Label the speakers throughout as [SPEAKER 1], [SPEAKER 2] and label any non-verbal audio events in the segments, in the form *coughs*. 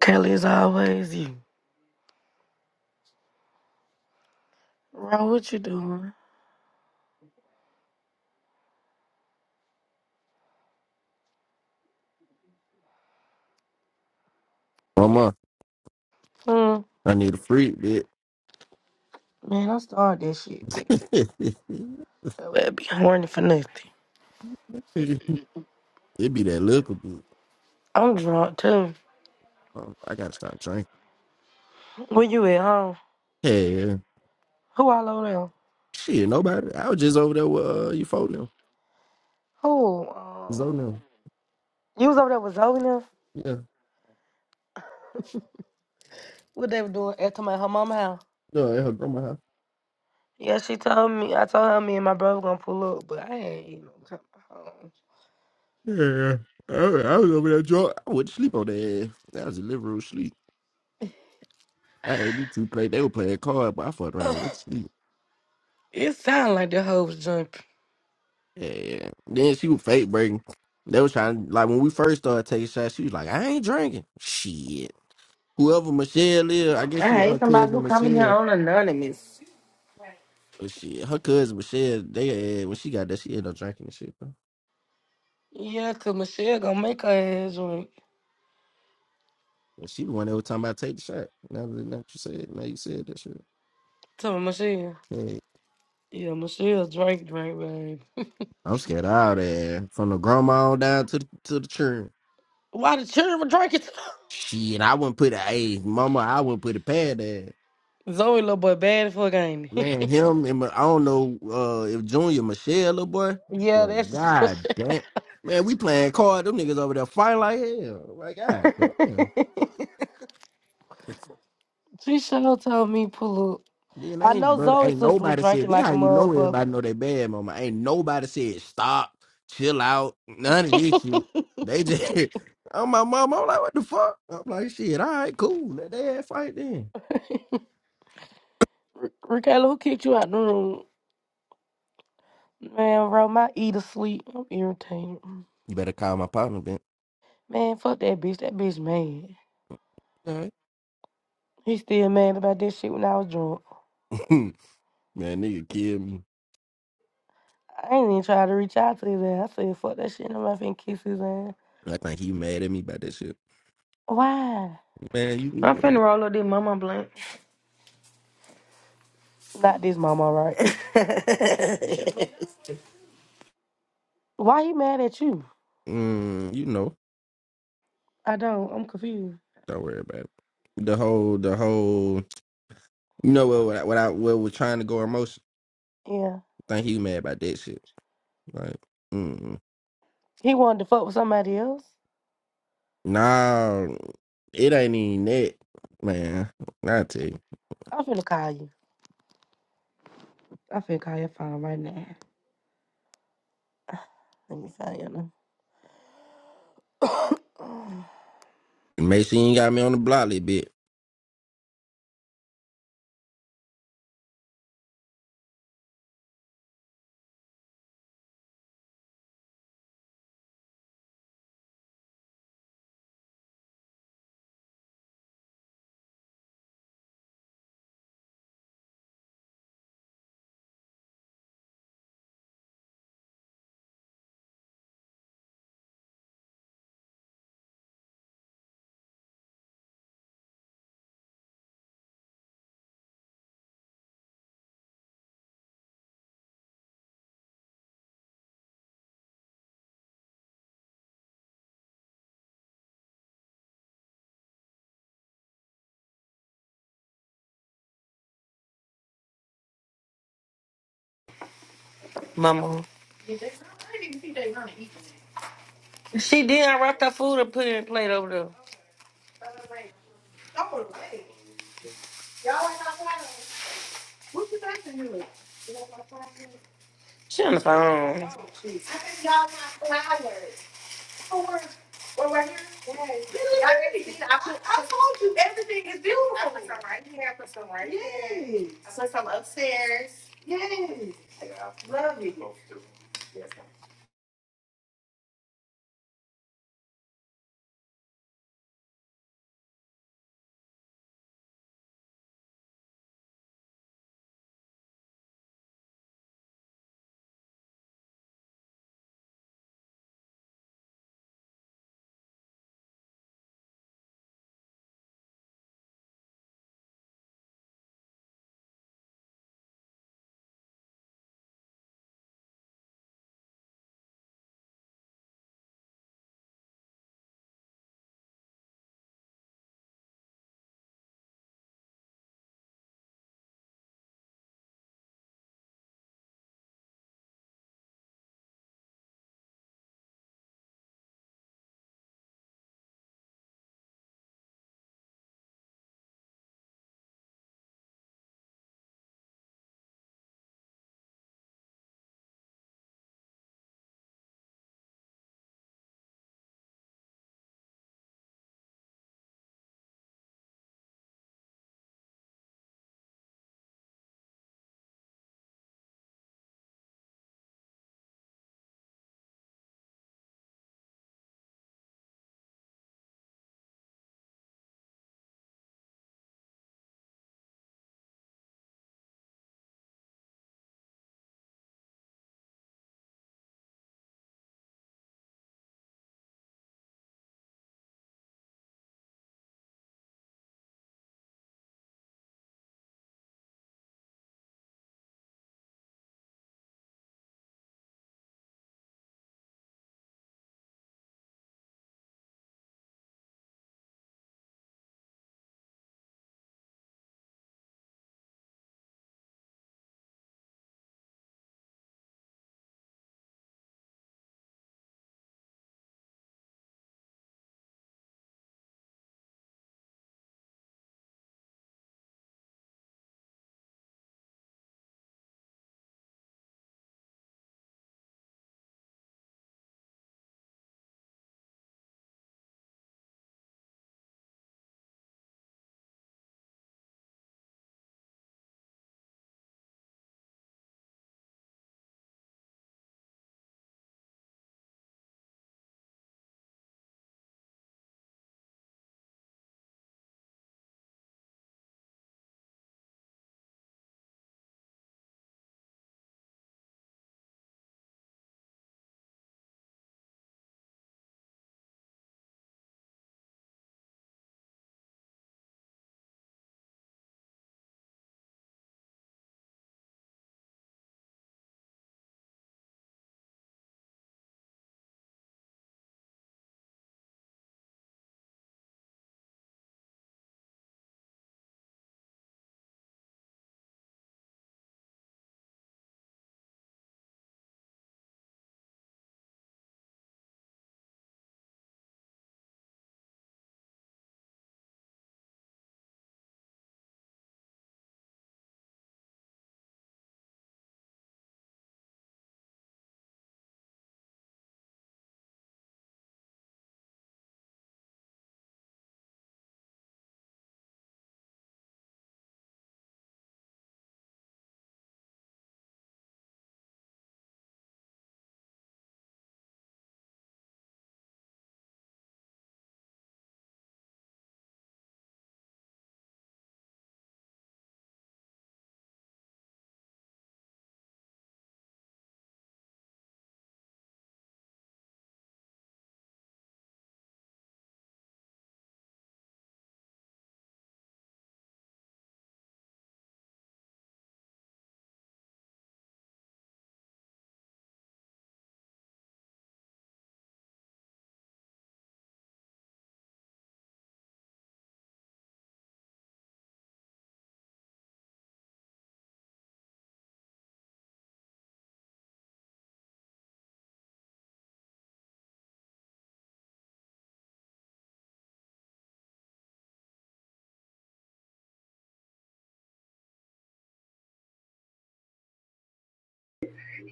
[SPEAKER 1] Kelly is always you. Wrong, what you doing?
[SPEAKER 2] Mama,
[SPEAKER 1] Hmm.
[SPEAKER 2] I need a freak, bitch.
[SPEAKER 1] Man, I started that shit, bitch.
[SPEAKER 2] *laughs*
[SPEAKER 1] I would be horny for nothing.
[SPEAKER 2] it be that liquor, bitch.
[SPEAKER 1] I'm drunk too.
[SPEAKER 2] Um, I gotta stop drinking.
[SPEAKER 1] Where you at home?
[SPEAKER 2] Yeah,
[SPEAKER 1] Who all over there?
[SPEAKER 2] shit, nobody. I was just over there with uh, you folk now.
[SPEAKER 1] Who? Um,
[SPEAKER 2] Zoe now.
[SPEAKER 1] you was over there with Zoe now?
[SPEAKER 2] Yeah.
[SPEAKER 1] What they were doing at to my her mama house?
[SPEAKER 2] No, at her grandma house.
[SPEAKER 1] Yeah, she told me. I told her me and my brother gonna pull up, but I ain't even coming home.
[SPEAKER 2] Yeah. I, I was over there drunk. I went to sleep on that. That was a liberal sleep. I had me two play. They were playing cards, but I fucked around with sleep.
[SPEAKER 1] It sound like the hoe was jumping.
[SPEAKER 2] Yeah. Then she was fake breaking. They was trying, like, when we first started taking shots, she was like, I ain't drinking. Shit. Whoever Michelle is, I guess
[SPEAKER 3] I
[SPEAKER 2] she got
[SPEAKER 3] hate
[SPEAKER 2] her
[SPEAKER 3] somebody who
[SPEAKER 2] cousin
[SPEAKER 3] come in here
[SPEAKER 2] Michelle.
[SPEAKER 3] on anonymous.
[SPEAKER 2] But shit, her cousin Michelle, they had, when she got that, she ended up drinking and shit, bro.
[SPEAKER 1] Yeah, 'cause Michelle gonna make her ass drink.
[SPEAKER 2] And she the one that was talking about take the shot. Now that now that you said, now you said that shit.
[SPEAKER 1] Tell me Michelle.
[SPEAKER 2] Yeah.
[SPEAKER 1] Yeah, Michelle drink, drink, baby.
[SPEAKER 2] I'm scared of all that. From the grandma on down to the, to the children.
[SPEAKER 1] Why the children drinking? *laughs*
[SPEAKER 2] Shit, I wouldn't put a hey, mama, I wouldn't put a pad there.
[SPEAKER 1] Zoe little boy bad for a game.
[SPEAKER 2] Man, him and my, I don't know uh, if Junior Michelle, little boy.
[SPEAKER 1] *laughs* yeah,
[SPEAKER 2] Well,
[SPEAKER 1] that's supposed
[SPEAKER 2] god
[SPEAKER 1] to
[SPEAKER 2] damn. Man, we playing card. Them niggas over there fighting like hell. Like, god damn.
[SPEAKER 1] *laughs* She sure told *laughs* me pull up.
[SPEAKER 2] Then
[SPEAKER 1] I
[SPEAKER 2] ain't
[SPEAKER 1] know
[SPEAKER 2] brother,
[SPEAKER 1] Zoe's
[SPEAKER 2] ain't
[SPEAKER 1] sister was
[SPEAKER 2] nobody said.
[SPEAKER 1] drinking
[SPEAKER 2] This
[SPEAKER 1] like
[SPEAKER 2] how
[SPEAKER 1] a
[SPEAKER 2] you know
[SPEAKER 1] motherfucker.
[SPEAKER 2] everybody know they bad, mama. Ain't nobody said stop, chill out, none
[SPEAKER 1] *laughs*
[SPEAKER 2] of this shit. They just, *laughs* I'm my mama. I'm like, what the fuck? I'm like, shit. All right, cool. Let they ass fight then.
[SPEAKER 1] Ri- Ricardo, who kicked you out the room? Man, bro, my eat to sleep. I'm irritated.
[SPEAKER 2] You better call my partner, Ben.
[SPEAKER 1] Man, fuck that bitch. That bitch mad.
[SPEAKER 2] All right,
[SPEAKER 1] He still mad about that shit when I was drunk.
[SPEAKER 2] *laughs* man, nigga killed me.
[SPEAKER 1] I ain't even try to reach out to his ass. I said, fuck that shit. I'm not finna kiss his ass.
[SPEAKER 2] I think he mad at me about that shit.
[SPEAKER 1] Why?
[SPEAKER 2] Man, you,
[SPEAKER 3] I'm
[SPEAKER 2] you- man,
[SPEAKER 3] finna roll up this mama blunt.
[SPEAKER 1] Not this mama, right? Why he mad at you?
[SPEAKER 2] mm, you know,
[SPEAKER 1] I don't. I'm confused.
[SPEAKER 2] don't worry about it. The whole, the whole, you know what? What I, what I what was trying to go emotion.
[SPEAKER 1] Yeah.
[SPEAKER 2] I think he mad about that shit. Like. mm-hmm.
[SPEAKER 1] He wanted to fuck with somebody else.
[SPEAKER 2] Nah, it ain't even that, man. I tell you.
[SPEAKER 1] I'm finna call you. I'm finna call your phone right now. Let me call your number.
[SPEAKER 2] Make sure you ain't got me on the block, little bit.
[SPEAKER 3] Mama. She did I wrapped her food and put it in a plate over there. She on the phone.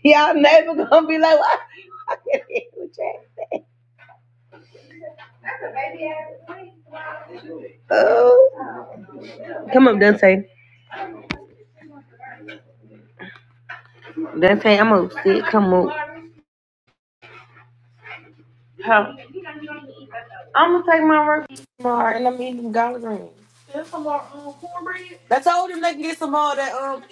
[SPEAKER 3] Y'all never gonna be like, what? I can't hear you, Jack. Oh. Come up, Dante. Dante, I'm upset. Come on. I'm gonna take my rookie tomorrow and I'm eating collard greens. I told them they can get some more of that. Um,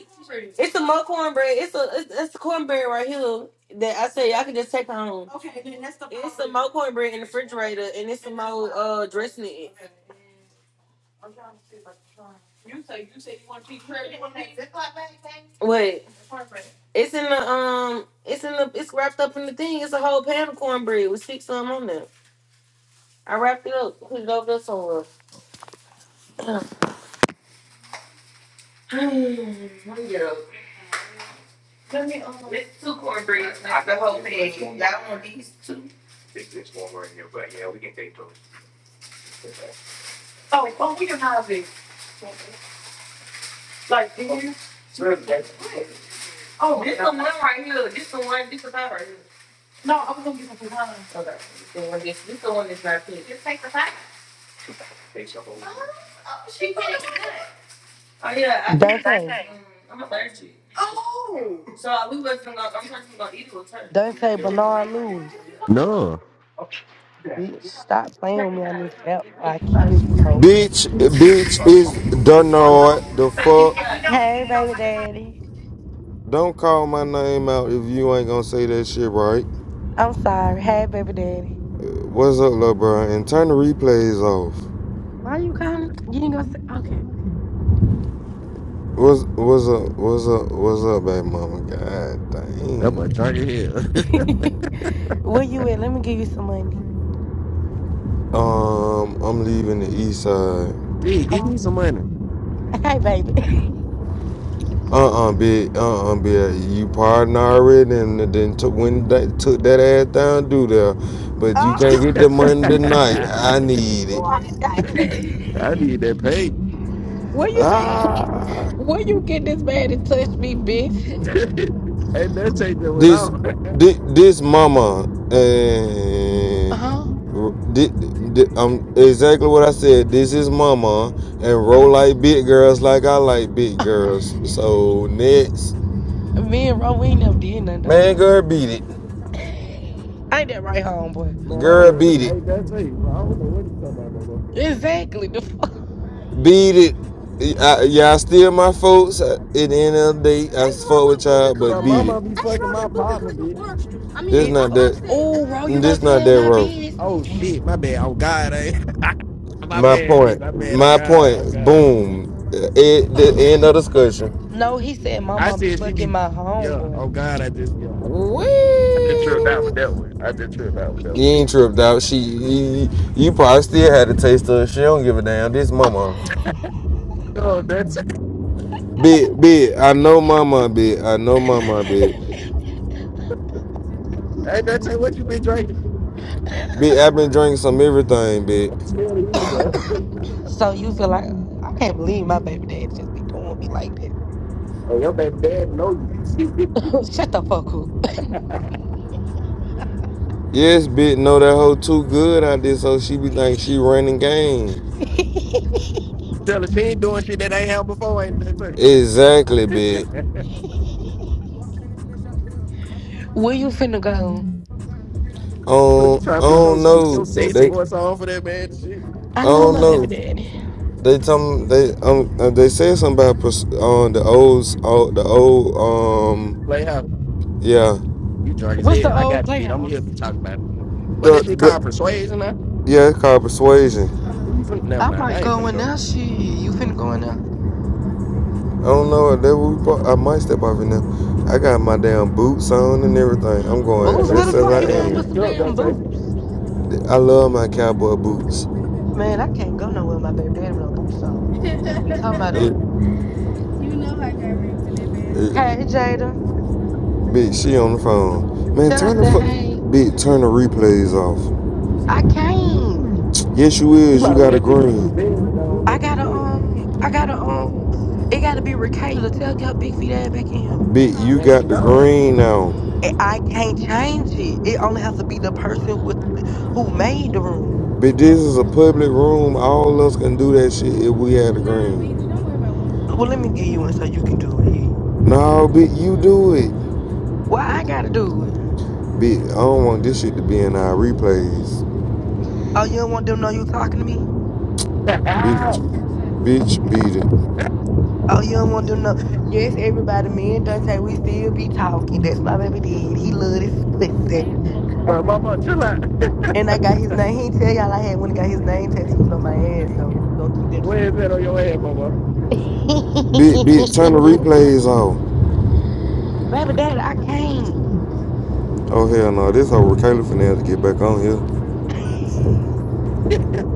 [SPEAKER 3] it's some more cornbread. It's a it's, it's the cornbread right here that I said y'all can just take home. Okay, then that's the. It's some more cornbread in the refrigerator and it's some more uh dressing in it. What? It's in the um. It's in the. It's wrapped up in the thing. It's a whole pan of cornbread with six of 'em on there. I wrapped it up. Put it over there somewhere. *clears throat* Yeah. Let me um. It's two cornbreads. I- Oh, this the one right here. This the one. This the guy right here. Okay. This the one. This, this the one that's not pink. Oh yeah, I
[SPEAKER 1] *coughs*
[SPEAKER 3] think. Same
[SPEAKER 1] Dante.
[SPEAKER 3] thing. Um, I'm allergic. So uh, we wasn't gonna. I'm not gonna eat it with her.
[SPEAKER 1] Dante Bernard Lewis.
[SPEAKER 2] No,
[SPEAKER 1] Bitch, stop playing
[SPEAKER 3] Take
[SPEAKER 1] with
[SPEAKER 3] it.
[SPEAKER 1] me on this app.
[SPEAKER 3] out.
[SPEAKER 1] I kill you, hoe.
[SPEAKER 4] Bitch, bitch is don't know what the
[SPEAKER 3] Take
[SPEAKER 4] fuck.
[SPEAKER 3] it out.
[SPEAKER 1] Hey, baby daddy.
[SPEAKER 4] Don't call my name out if you ain't gonna say that shit right.
[SPEAKER 1] I'm sorry. Hey, baby daddy.
[SPEAKER 4] Uh, What's up, little bro? And turn the replays off.
[SPEAKER 1] Why you calling? You ain't gonna say. Okay,
[SPEAKER 4] What's what's up? What's up? What's up, baby mama? God
[SPEAKER 2] that boy
[SPEAKER 4] dang.
[SPEAKER 2] drunk as hell. *laughs*
[SPEAKER 1] bitch. *laughs* Where you at? Let me give you some money.
[SPEAKER 4] Um, I'm leaving the east side.
[SPEAKER 2] Gee, give me
[SPEAKER 1] Um,
[SPEAKER 2] some money.
[SPEAKER 1] hey, baby. *laughs*
[SPEAKER 4] Uh-uh, bitch. Uh-uh, bitch. You partner already, and then took when that took that ass down, do there. But you can't
[SPEAKER 1] Oh,
[SPEAKER 2] *laughs*
[SPEAKER 4] get the money tonight. I need it.
[SPEAKER 1] what, Dante?
[SPEAKER 2] I
[SPEAKER 1] *laughs*
[SPEAKER 2] need that pay.
[SPEAKER 1] Where you?
[SPEAKER 4] Ah.
[SPEAKER 1] Where you get this bad and touch me, bitch?
[SPEAKER 2] *laughs* hey, that change that went
[SPEAKER 4] this
[SPEAKER 2] off.
[SPEAKER 4] this, this mama and
[SPEAKER 1] Huh?
[SPEAKER 4] this, thi- um, exactly what I said. This is mama and roll
[SPEAKER 1] Uh.
[SPEAKER 4] like big girls, like I like big
[SPEAKER 1] *laughs*
[SPEAKER 4] girls. So next,
[SPEAKER 1] Me and Ro, we ain't never did nothing though.
[SPEAKER 4] man, girl, beat it,
[SPEAKER 1] Ain't that right, homeboy?
[SPEAKER 2] *laughs* Man, I don't
[SPEAKER 4] girl,
[SPEAKER 2] know. What the,
[SPEAKER 4] beat it,
[SPEAKER 2] hey, that change. I don't know what he talking about, no more.
[SPEAKER 1] Exactly. The fuck.
[SPEAKER 4] beat it. I, y'all still my folks. At the end of the day, I fuck with y'all,
[SPEAKER 2] But
[SPEAKER 4] but beat it.
[SPEAKER 2] mama be
[SPEAKER 4] I
[SPEAKER 2] fucking
[SPEAKER 4] wrote
[SPEAKER 2] my
[SPEAKER 4] that book because
[SPEAKER 2] partner,
[SPEAKER 4] it
[SPEAKER 2] bitch.
[SPEAKER 4] was. I mean, This
[SPEAKER 1] It,
[SPEAKER 4] not that.
[SPEAKER 1] oh, Ro, you gonna
[SPEAKER 4] This not
[SPEAKER 1] tell
[SPEAKER 4] that
[SPEAKER 1] my
[SPEAKER 4] road.
[SPEAKER 2] Oh
[SPEAKER 1] business?
[SPEAKER 2] shit, my bad. Oh God, eh? *laughs* my
[SPEAKER 4] My
[SPEAKER 2] bad, bitch.
[SPEAKER 4] point.
[SPEAKER 2] My bad. Oh
[SPEAKER 4] My
[SPEAKER 2] God. Oh
[SPEAKER 4] point.
[SPEAKER 2] God.
[SPEAKER 4] Boom. It, the end of discussion.
[SPEAKER 1] No, he said,
[SPEAKER 2] I
[SPEAKER 1] Mama be
[SPEAKER 2] said she
[SPEAKER 1] fucking
[SPEAKER 2] be
[SPEAKER 1] my
[SPEAKER 2] yeah.
[SPEAKER 1] homeboy.
[SPEAKER 2] Oh God, I just yeah. I just
[SPEAKER 4] Whee!
[SPEAKER 2] I just tripped out with that one. I just tripped out with that one.
[SPEAKER 4] You ain't tripped out. She, you, you probably still had a taste of. it. She don't give a damn. This mama.
[SPEAKER 2] Oh, that's
[SPEAKER 4] Big, big. I know mama, big. I know mama, big.
[SPEAKER 2] *laughs* hey, that's hey, what you been drinking.
[SPEAKER 4] Big, I've been drinking some everything, big.
[SPEAKER 2] Tell you, bro.
[SPEAKER 1] So you feel like I can't believe my baby daddy just be doing me like
[SPEAKER 2] Hey, your baby dad know you. *laughs*
[SPEAKER 1] that. *laughs* Shut the fuck up.
[SPEAKER 4] Yes, big. Know that hoe too good out there, so she be think she running game.
[SPEAKER 2] Tell her she ain't doing shit that ain't happened before. Ain't that funny?
[SPEAKER 4] Exactly, big.
[SPEAKER 1] Where you finna go?
[SPEAKER 2] Look, you
[SPEAKER 4] Um,
[SPEAKER 2] try
[SPEAKER 4] I
[SPEAKER 2] to put your
[SPEAKER 4] don't
[SPEAKER 2] s-
[SPEAKER 4] know.
[SPEAKER 2] your
[SPEAKER 4] that
[SPEAKER 2] sexy
[SPEAKER 4] They,
[SPEAKER 2] voice
[SPEAKER 4] I
[SPEAKER 2] on for that man and shit.
[SPEAKER 1] I love
[SPEAKER 4] don't
[SPEAKER 1] my baby
[SPEAKER 4] know.
[SPEAKER 1] daddy.
[SPEAKER 4] They tell me they um uh, they said something about pers- uh, the old uh, the old um
[SPEAKER 2] Play how
[SPEAKER 4] yeah
[SPEAKER 2] you drunk as
[SPEAKER 1] What's the
[SPEAKER 2] hell. I
[SPEAKER 1] old
[SPEAKER 2] got you, bitch. I'm gonna
[SPEAKER 1] playhouse?
[SPEAKER 2] help you talk about it. What
[SPEAKER 4] the
[SPEAKER 2] that shit called
[SPEAKER 4] the
[SPEAKER 2] persuasion? Now?
[SPEAKER 4] yeah it's called persuasion.
[SPEAKER 2] Who you finna? Never
[SPEAKER 1] I
[SPEAKER 2] mind. I
[SPEAKER 1] might
[SPEAKER 2] ain't
[SPEAKER 1] go
[SPEAKER 2] finna
[SPEAKER 1] in
[SPEAKER 2] go.
[SPEAKER 1] there. Shit, you finna go in there?
[SPEAKER 4] I don't know. That we pro- I might step off it now. I got my damn boots on and everything. I'm
[SPEAKER 2] Man, you
[SPEAKER 4] going
[SPEAKER 2] better
[SPEAKER 1] Boots,
[SPEAKER 2] go
[SPEAKER 1] where the
[SPEAKER 4] dressed
[SPEAKER 2] put them
[SPEAKER 4] as
[SPEAKER 1] fuck you
[SPEAKER 4] I
[SPEAKER 2] goddamn
[SPEAKER 1] going with
[SPEAKER 2] boots
[SPEAKER 1] some
[SPEAKER 4] am.
[SPEAKER 2] up,
[SPEAKER 1] damn
[SPEAKER 2] Dante.
[SPEAKER 1] boots?
[SPEAKER 4] I love my cowboy boots.
[SPEAKER 1] Man, I can't go nowhere with my baby daddy with no boots on. They don't be talking about
[SPEAKER 4] It,
[SPEAKER 1] them.
[SPEAKER 4] You know I got ripped in that it, bed.
[SPEAKER 1] Hey, Jada.
[SPEAKER 4] bitch, she on the phone. Man,
[SPEAKER 1] Tell I
[SPEAKER 4] turn the
[SPEAKER 1] said,
[SPEAKER 4] fuck.
[SPEAKER 1] hey,
[SPEAKER 4] Bitch, turn the replays off.
[SPEAKER 1] I can't.
[SPEAKER 4] Yes, you
[SPEAKER 2] She
[SPEAKER 4] is. You
[SPEAKER 2] might as
[SPEAKER 4] got
[SPEAKER 2] well
[SPEAKER 4] a
[SPEAKER 2] just give you the
[SPEAKER 4] green.
[SPEAKER 2] bed and go on and
[SPEAKER 1] I
[SPEAKER 2] let you
[SPEAKER 1] gotta,
[SPEAKER 2] do it.
[SPEAKER 1] um, I gotta, um, it gotta be Ricayla. Tell your big feet ass back in here.
[SPEAKER 4] Bitch, you
[SPEAKER 2] Man, she
[SPEAKER 4] got the
[SPEAKER 2] gone.
[SPEAKER 4] green now.
[SPEAKER 1] I I can't change it. It only has to be the person with who made the room.
[SPEAKER 4] But this
[SPEAKER 2] Oh.
[SPEAKER 4] is a
[SPEAKER 2] please, please,
[SPEAKER 4] public room. All of us can do that shit if we had a green.
[SPEAKER 1] Well, let me give you one so you can do it.
[SPEAKER 4] No, bitch, you do it.
[SPEAKER 1] Why I gotta do it?
[SPEAKER 4] Bitch, I don't want this shit to be in our replays.
[SPEAKER 1] Oh, you don't want them to know you talking to me?
[SPEAKER 2] please.
[SPEAKER 4] Bitch, bitch, beat it.
[SPEAKER 1] Oh, you don't want to know? Yes, everybody, me and Dante, we still be talking. That's my baby did. He love this pussy.
[SPEAKER 2] *laughs* Bro, mama, chill out. *laughs*
[SPEAKER 1] And I got his name. He ain't tell y'all I had when he got his name tattooed on my ass though, but we gonna keep that a
[SPEAKER 2] Where is
[SPEAKER 1] secret.
[SPEAKER 2] that on your head, mama?
[SPEAKER 4] Bitch, bitch, turn the replays off.
[SPEAKER 1] *laughs* baby daddy, I can't.
[SPEAKER 4] Oh, hell no. This whole Kayla finna have to get back on here.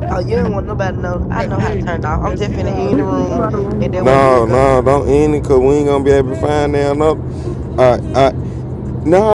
[SPEAKER 2] *laughs*
[SPEAKER 1] Oh, you don't want nobody to know. I know how to
[SPEAKER 2] hey,
[SPEAKER 1] turn it off. I'm
[SPEAKER 2] because
[SPEAKER 1] just
[SPEAKER 2] she
[SPEAKER 1] finna in the
[SPEAKER 2] already went
[SPEAKER 5] You
[SPEAKER 1] room
[SPEAKER 5] are.
[SPEAKER 2] off on
[SPEAKER 1] and
[SPEAKER 2] this.
[SPEAKER 1] that way it'll
[SPEAKER 4] No,
[SPEAKER 1] go.
[SPEAKER 4] no, don't end it, cause we ain't gonna be able to find that up. I, I, no,